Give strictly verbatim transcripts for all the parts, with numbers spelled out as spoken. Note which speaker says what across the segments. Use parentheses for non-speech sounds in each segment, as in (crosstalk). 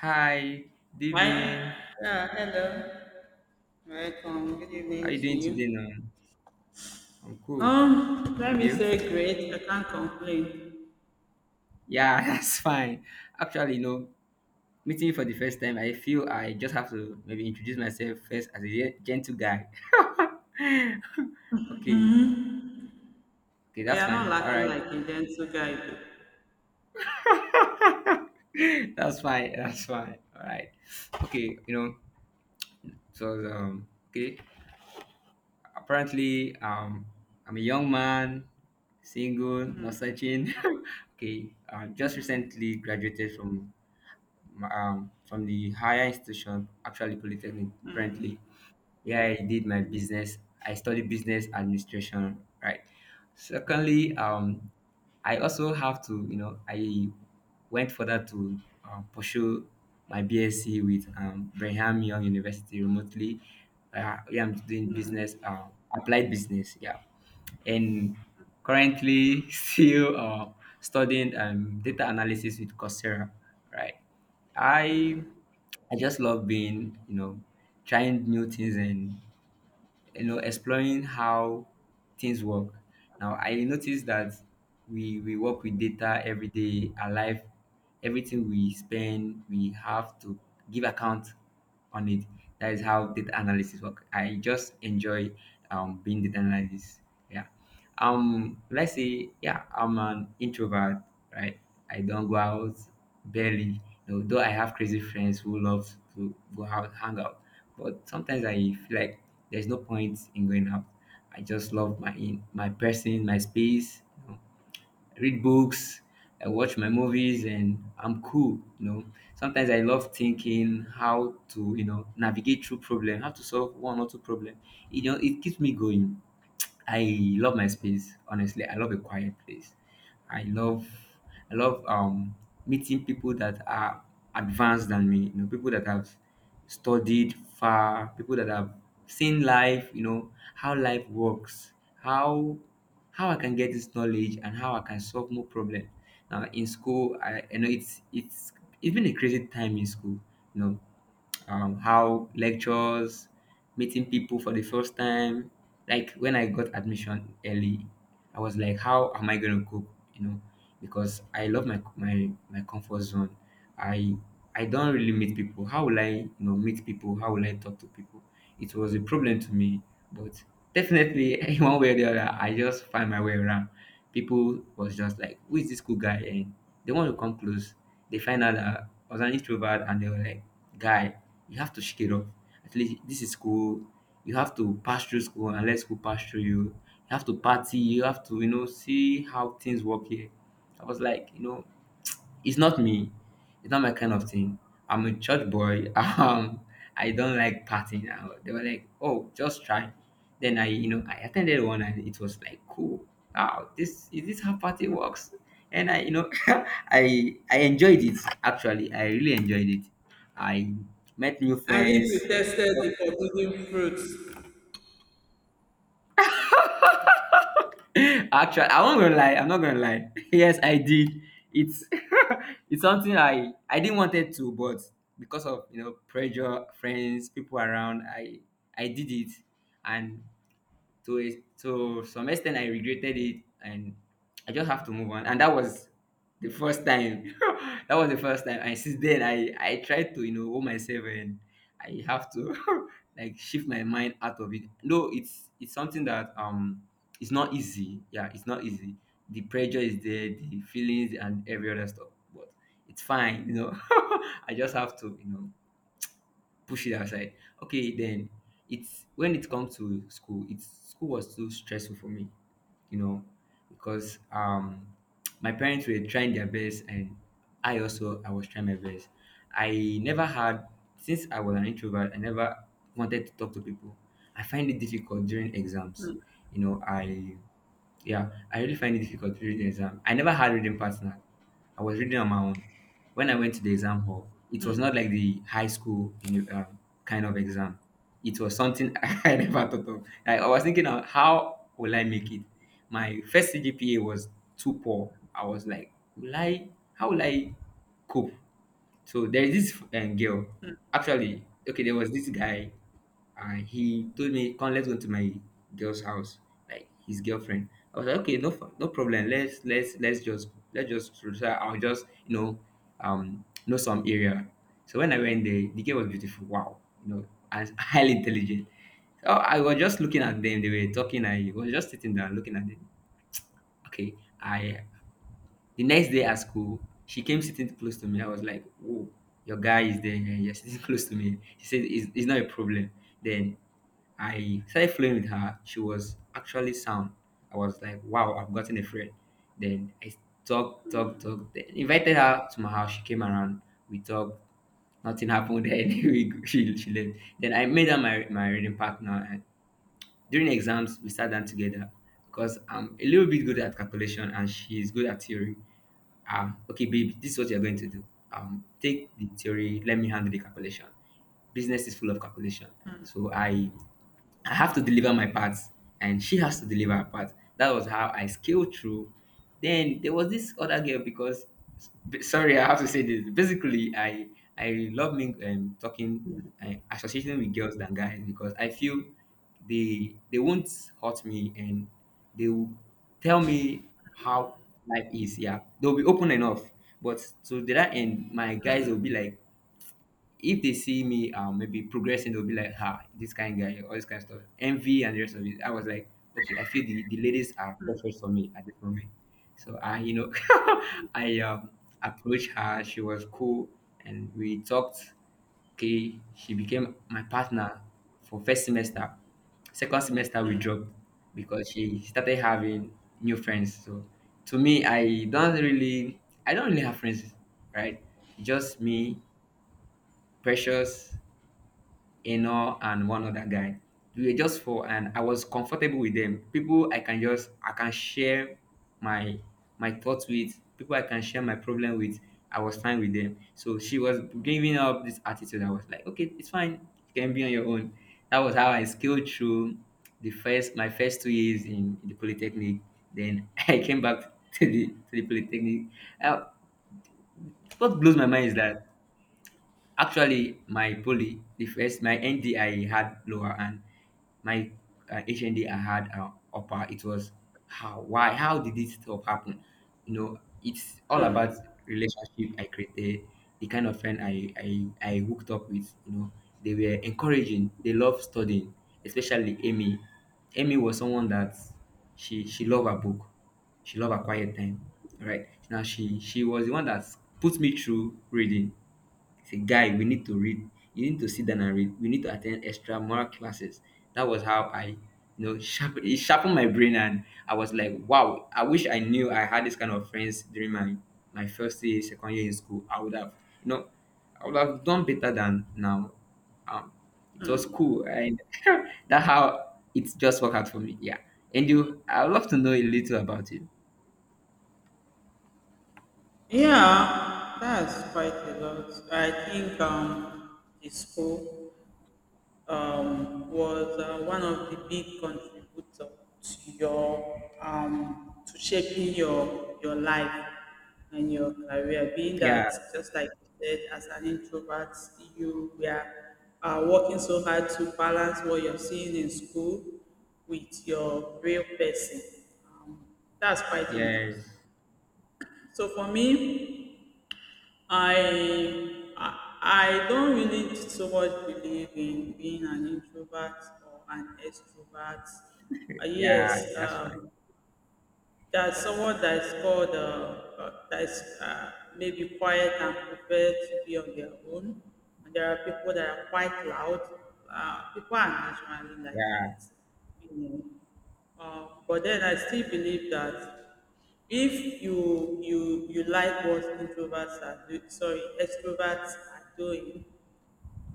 Speaker 1: Hi,
Speaker 2: Hi.
Speaker 1: Devin.
Speaker 2: Yeah, hello. Welcome. Good
Speaker 1: How
Speaker 2: evening
Speaker 1: you
Speaker 2: to
Speaker 1: doing
Speaker 2: you.
Speaker 1: today now? I'm cool.
Speaker 2: Um, let
Speaker 1: And
Speaker 2: me
Speaker 1: you?
Speaker 2: say great. I can't complain.
Speaker 1: Yeah, (laughs) that's fine. Actually, you know, meeting you for the first time, I feel I just have to maybe introduce myself first as a ge- gentle guy. Okay, okay,
Speaker 2: We
Speaker 1: that's
Speaker 2: are not
Speaker 1: fine. All
Speaker 2: lacking
Speaker 1: right.
Speaker 2: like a gentle guide.
Speaker 1: (laughs) That's fine. That's fine. All right. Okay, you know, so um, okay. Apparently, um, I'm a young man, single, not searching. (laughs) Okay, uh, just recently graduated from um, from the higher institution, actually Polytechnic, currently. Yeah, I did my business. I studied business administration, right? Secondly, um, I also have to, you know, I went further to um, pursue my BSc with um, Brigham Young University remotely. Uh, yeah, I'm doing business, uh, applied business. Yeah, and currently (laughs) still uh, studying um, data analysis with Coursera. Right, I I just love being, you know, trying new things and you know exploring how things work. Now I noticed that we we work with data every day our life. Everything we spend we have to give account on it. That is how data analysis work. I just enjoy um being data analysis. Yeah, um, let's say, yeah, I'm an introvert, right? I don't go out barely. You know, though I have crazy friends who love to go out, hang out, but sometimes I feel like there's no point in going out. I just love my in my person, my space. You know, read books, I watch my movies, and I'm cool. You know, sometimes I love thinking how to, you know, navigate through problem, how to solve one or two problem. You know, it keeps me going. I love my space. Honestly, I love a quiet place. I love. I love um, meeting people that are advanced than me, you know, people that have studied far, people that have seen life, you know, how life works, how how I can get this knowledge and how I can solve more problem. Now in school, I, I know it's it's it's been a crazy time in school, you know um, how lectures, meeting people for the first time. Like when I got admission early, I was like, how am I gonna cope? You know, because I love my my my comfort zone. I I don't really meet people. How will I you know meet people? How will I talk to people? It was a problem to me, but definitely (laughs) in one way or the other, I just find my way around. People was just like, who is this cool guy? And they want to come close. They find out that I was an introvert, and they were like, guy you have to shake it off. At least this is school. You have to pass through school and let school pass through you. You have to party. You have to, you know, see how things work here. I was like, you know, it's not me. It's not my kind of thing. I'm a church boy. (laughs) Um, I don't like partying. Uh, They were like, oh, just try. Then I, you know, I attended one and it was like, cool. Wow, this is this how party works? And I, you know, (laughs) I I enjoyed it. Actually, I really enjoyed it. I met new
Speaker 2: I think we
Speaker 1: friends.
Speaker 2: tested the forbidden fruits.
Speaker 1: (laughs) Actually, I won't gonna lie. I'm not gonna lie. (laughs) Yes, I did. It's (laughs) it's something I I didn't want it to, but because of you know pressure, friends, people around, I I did it, and to a to some extent I regretted it and I just have to move on. And that was the first time. (laughs) That was the first time, and since then i i tried to you know hold myself and I have to (laughs) like shift my mind out of it. No, it's it's something that um it's not easy. Yeah, it's not easy. The pressure is there, the feelings and every other stuff, but it's fine, you know. (laughs) I just have to you know push it aside. Okay, then it's when it comes to school, it's school was too stressful for me, you know, because um my parents were trying their best and I also I was trying my best. I never had since I was an introvert, I never wanted to talk to people. I find it difficult during exams. You know, I yeah, I really find it difficult during the exam. I never had reading partner. I was reading on my own. When I went to the exam hall, it was not like the high school you know, um, kind of exam. It was something (laughs) I never thought of. Like, I was thinking, of how will I make it? My first C G P A was too poor. I was like, will I? How will I cope? So there is this um, girl. Actually, okay, there was this guy and he told me, "Come, let's go to my girl's house." Like his girlfriend, I was like, "Okay, no, f- no problem. Let's let's let's just let's just try. I'll just you know, um, know some area." So when I went there, the girl was beautiful. Wow, you know, and (laughs) highly intelligent. So I was just looking at them. They were talking. I was just sitting there looking at them. Okay, I the next day at school, she came sitting close to me. I was like, "Whoa, your guy is there. You're sitting (laughs) close to me." She said, "It's, it's not a problem." Then I started flowing with her. She was actually sound. I was like, wow, I've gotten a friend. Then I talked, talked, talked. Then invited her to my house. She came around. We talked. Nothing happened. (laughs) Then we, she, she left. Then I made her my, my reading partner. During exams, we sat down together because I'm a little bit good at calculation and she's good at theory. Um, okay, babe, this is what you're going to do. Um, take the theory, let me handle the calculation. Business is full of calculation. So I I have to deliver my parts and she has to deliver her part. That was how I scaled through. Then there was this other girl because b- sorry, I have to say this. Basically, I I love ming- um, talking and associating with girls than guys because I feel they they won't hurt me and they will tell me how life is. Yeah, they'll be open enough, but to the that end my guys will be like if they see me um maybe progressing, they'll be like, "Ha, this kind guy," all this kind of stuff, envy and the rest of it. I was like, okay, I feel the, the ladies are perfect for me at this moment. So I, you know, (laughs) I um approached her. She was cool, and we talked. Okay, she became my partner for first semester. Second semester we dropped because she started having new friends. So to me, I don't really, I don't really have friends, right? It's just me, Precious, Eno and one other guy. We were just four, and I was comfortable with them. People I can just I can share my my thoughts with. People I can share my problem with. I was fine with them. So she was giving up this attitude. I was like, okay, it's fine. You can be on your own. That was how I scaled through the first my first two years in, the polytechnic. Then (laughs) I came back to the to the polytechnic. Uh, what blows my mind is that actually, my poly, the first, my N D I had lower and my uh, H N D I had uh, upper. It was how, why, how did this stuff happen? You know, it's all about relationship I created, the kind of friend I, I, I hooked up with, you know, they were encouraging, they love studying, especially Amy. Amy was someone that she, she loved her book. She loved her quiet time, right? Now she, she was the one that put me through reading. Say, guy, we need to read. You need to sit down and read. We need to attend extra moral classes. That was how I, you know, sharpen, it sharpened my brain. And I was like, wow, I wish I knew I had this kind of friends during my, my first year, second year in school. I would have, you know, I would have done better than now. Um, it was cool. And (laughs) that how it just worked out for me. Yeah. And you, I'd love to know a little about you.
Speaker 2: Yeah, that's quite a lot. I think um it's cool. Um, was uh, one of the big contributor to your um, to shaping your your life and your career. Being that,
Speaker 1: Yeah.
Speaker 2: just like you said, as an introvert, you were uh, working so hard to balance what you're seeing in school with your real person. Um, that's quite interesting.
Speaker 1: Yes.
Speaker 2: So for me, I I I don't really so much believe in being an introvert or an extrovert. Uh, yes,
Speaker 1: Yeah. That's fine.
Speaker 2: um, that someone that is called uh, uh, that is uh, maybe quiet and prefer to be on their own, and there are people that are quite loud. Uh, people are naturally like
Speaker 1: Yeah.
Speaker 2: that, you know. Um, but then I still believe that if you you you like what introverts are do, sorry extroverts are doing,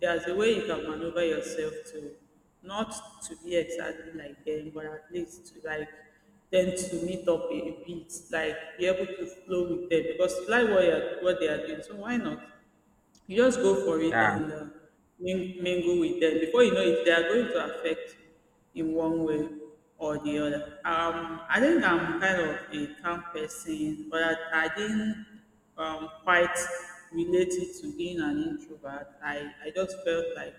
Speaker 2: there's a way you can maneuver yourself to not to be exactly like them, but at least to like them to meet up a a bit, like be able to flow with them because you like what, you're, what they are doing. So why not? You just go for it
Speaker 1: Yeah.
Speaker 2: and uh, ming- mingle with them. Before you know it, they are going to affect you in one way or the other. Um, I think I'm kind of a calm person, but I, I didn't um, quite relate it to being an introvert. I, I just felt like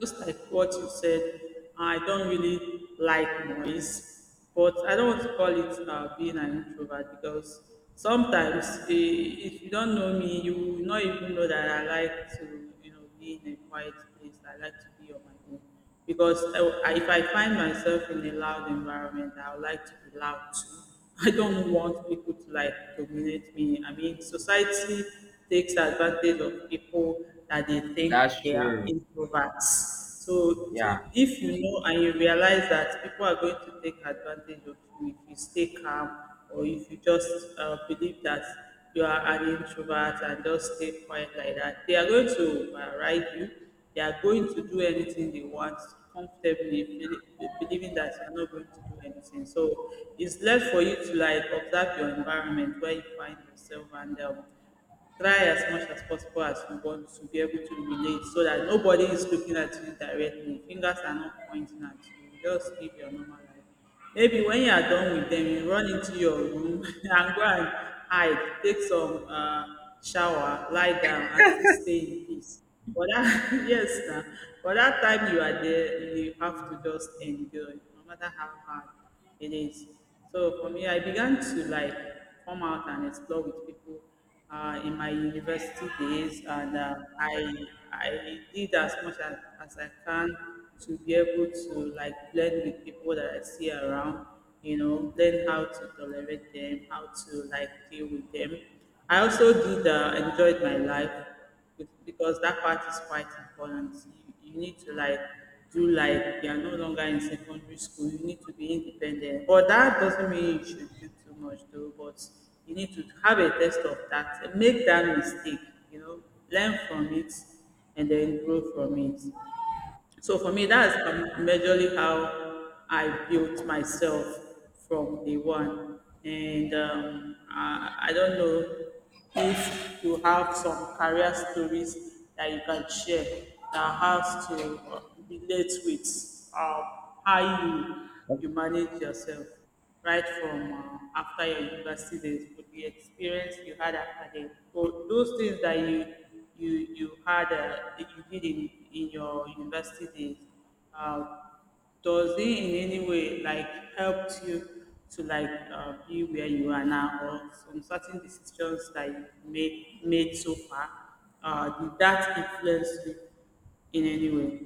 Speaker 2: just like what you said, I don't really like noise, but I don't want to call it uh, being an introvert because sometimes eh, if you don't know me, you will not even know that I like to, you know, be in a quiet place. I like to be on my own because I- if I find myself in a loud environment, I would like to be loud too. (laughs) I don't want people to like dominate me. I mean, society takes advantage of people that they
Speaker 1: That's
Speaker 2: think they are
Speaker 1: true.
Speaker 2: introverts. So, so,
Speaker 1: Yeah.
Speaker 2: if you know and you realize that people are going to take advantage of you if you stay calm or if you just uh, believe that you are an introvert and just stay quiet like that, they are going to override you, they are going to do anything they want comfortably, beli- believing that you're not going to do anything. So it's left for you to like observe your environment where you find yourself and um, try as much as possible as you want to be able to relate so that nobody is looking at you directly. Fingers are not pointing at you. You just live your normal life. Maybe when you are done with them, you run into your room (laughs) and go and hide, take some uh, shower, lie down, and still stay in peace. But that, (laughs) yes, now, but that time you are there, you have to just enjoy, no matter how hard it is. So for me, I began to like come out and explore with people uh, in my university days, and uh, I I did as much as, as I can to be able to like blend with people that I see around. You know, learn how to tolerate them, how to like deal with them. I also did uh, enjoyed my life bec- because that part is quite important. You, you need to like do like you are no longer in secondary school. You need to be independent. But that doesn't mean you should do too much though. But you need to have a test of that. Make that mistake. You know, learn from it and then grow from it. So for me, that's um, majorly how I built myself from day one. And um, I, I don't know if you have some career stories that you can share that has to uh, relate with um, how you you manage yourself right from uh, after your university days with the experience you had after them, so those things that you you you had uh, that you did in in your university days, uh, does it in any way like helped you to like uh, be where you are now, or some certain decisions that you made made so far, uh, did that influence you in any way?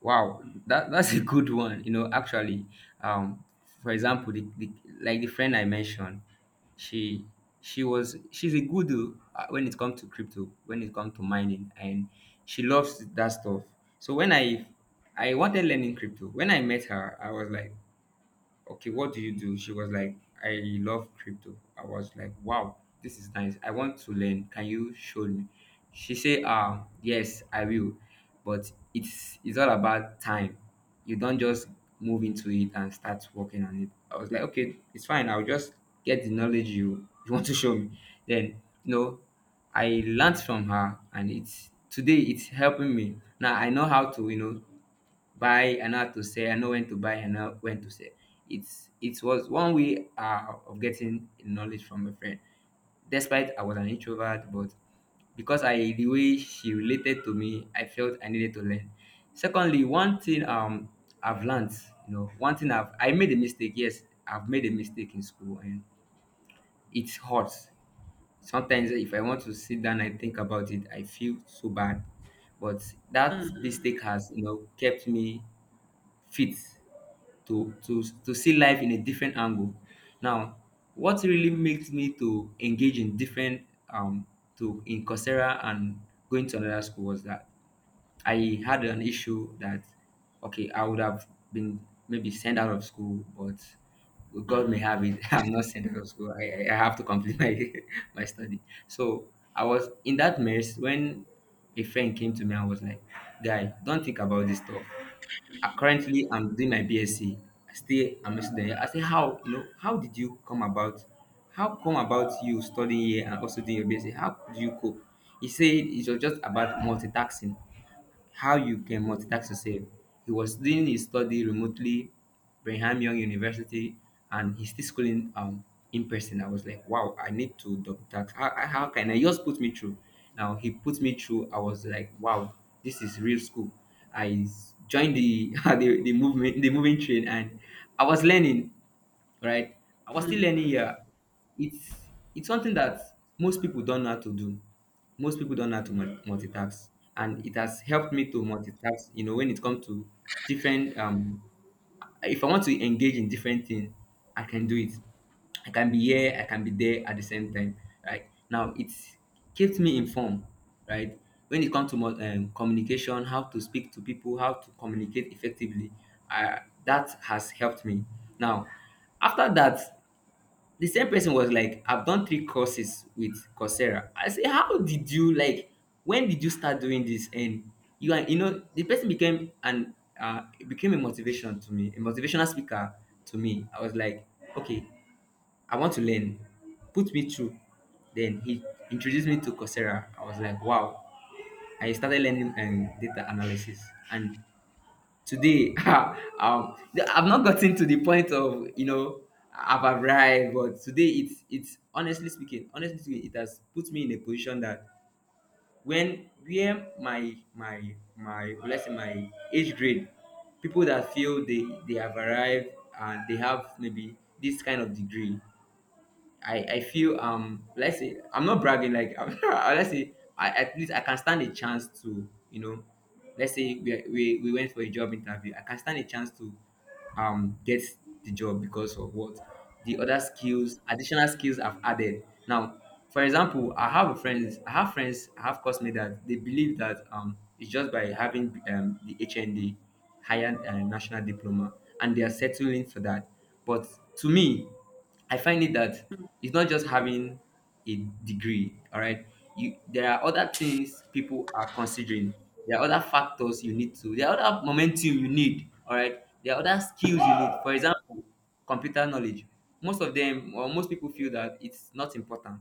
Speaker 1: Wow. That that's a good one. You know, actually, um, for example, the, the like the friend I mentioned, she she was she's a good uh, when it comes to crypto, when it comes to mining, and she loves that stuff. So when I I wanted learning crypto, when I met her, I was like, okay, what do you do? She was like, I love crypto. I was like, wow, this is nice. I want to learn. Can you show me? She said, ah, yes, I will. But it's it's all about time. You don't just move into it and start working on it. I was like, okay, it's fine. I'll just get the knowledge you, you want to show me. Then, you know, I learned from her, and it's today it's helping me. Now I know how to, you know, buy and know how to sell. I know when to buy and know when to sell. It's it was one way uh, of getting knowledge from a friend, despite I was an introvert. But because I the way she related to me, I felt I needed to learn. Secondly, one thing um I've learned. You know one thing i've i made a mistake. Yes, I've made a mistake in school, and it hurts sometimes. If I want to sit down and think about it, I feel so bad. But that mistake has you know kept me fit to to to see life in a different angle. Now, what really makes me to engage in different um to in Coursera and going to another school was that I had an issue that, okay, I would have been maybe sent out of school, but God may have it. (laughs) I'm not sent out of school. I, I I have to complete my (laughs) my study. So I was in that mess when a friend came to me and was like, "Guy, don't think about this stuff. Uh, currently, I'm doing my BSc. I still I'm a student here. I say, how you know? How did you come about? How come about you studying here and also doing your BSc? How do you cope?" He said it was just about multitasking, how you can multitask yourself. He was doing his study remotely, Brigham Young University, and he's still schooling um in person. I was like, wow, I need to double tax. How, how how can I he just put me through? Now he put me through. I was like, wow, this is real school. I s- joined the (laughs) the, the movement the moving train, and I was learning, right? I was still learning here. It's it's something that most people don't know how to do. Most people don't know how to mul- multitask, and it has helped me to multitask. You know, when it comes to different um if I want to engage in different things, I can do it. I can be here, I can be there at the same time. Right now, it keeps me informed. Right, when it comes to mo- um, communication, how to speak to people, how to communicate effectively, uh, that has helped me. Now, after that, the same person was like, I've done three courses with Coursera. I say, how did you like? When did you start doing this? And you are, you know, the person became an uh, it became a motivation to me, a motivational speaker to me. I was like, okay, I want to learn. Put me through. Then he introduced me to Coursera. I was like, wow. I started learning um, data analysis, and today (laughs) um I've not gotten to the point of you know I've arrived, but today, it's it's honestly speaking honestly speaking it has put me in a position, that when, where my my my let's say my age grade, people that feel they they have arrived and they have maybe this kind of degree, I I feel, um let's say, I'm not bragging. Like, (laughs) let's say I at least I can stand a chance to, you know let's say we are- we, we went for a job interview, I can stand a chance to um get the job because of what, the other skills, additional skills I've added now. For example, I have a friends I have friends, I have classmates that they believe that um it's just by having um the H N D, higher uh, national diploma, and they are settling for that. But to me, I find it that it's not just having a degree, all right? You, there are other things people are considering. There are other factors you need to. There are other momentum you need, all right? There are other skills you need. For example, computer knowledge. Most of them, or most people feel that it's not important,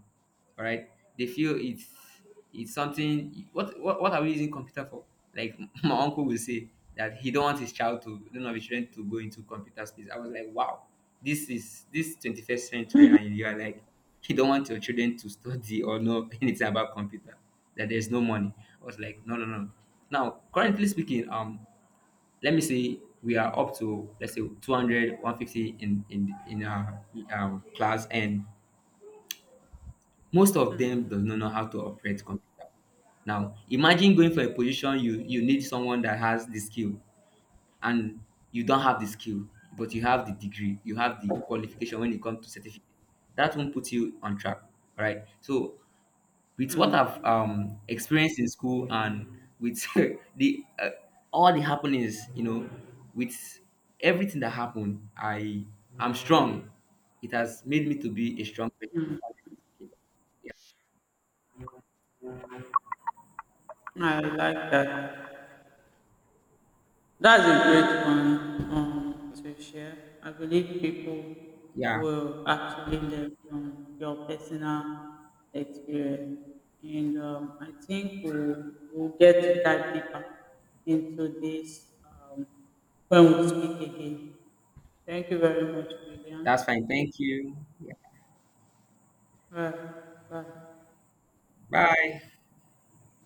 Speaker 1: all right, they feel it's it's something. What what, what are we using computer for? Like, (laughs) my uncle will say that he don't want his child to, don't, of his children to go into computer space. I was like, wow, this is this twenty-first century, and you are like, you don't want your children to (laughs) study or know (laughs) anything about computer, that there's no money. I was like, no, no, no. Now, currently speaking, um let me say we are up to, let's say, two hundred, one hundred fifty in in in our um class, and most of them does not know how to operate computer. Now imagine going for a position, you you need someone that has the skill, and you don't have the skill, but you have the degree, you have the qualification. When it comes to certificate, that won't put you on track. All right, so with what I've um experienced in school, and with (laughs) the uh, all the happenings you know with everything that happened, i i'm strong. It has made me to be a strong person.
Speaker 2: I like that. That's a great one um, to share. I believe people
Speaker 1: Yeah.
Speaker 2: will actually learn from your personal experience. And um, I, think we'll, we'll get to dive deeper into this um, when we speak again. Thank you very much, William.
Speaker 1: That's fine. Thank you. Yeah.
Speaker 2: Bye. Bye.
Speaker 1: Bye.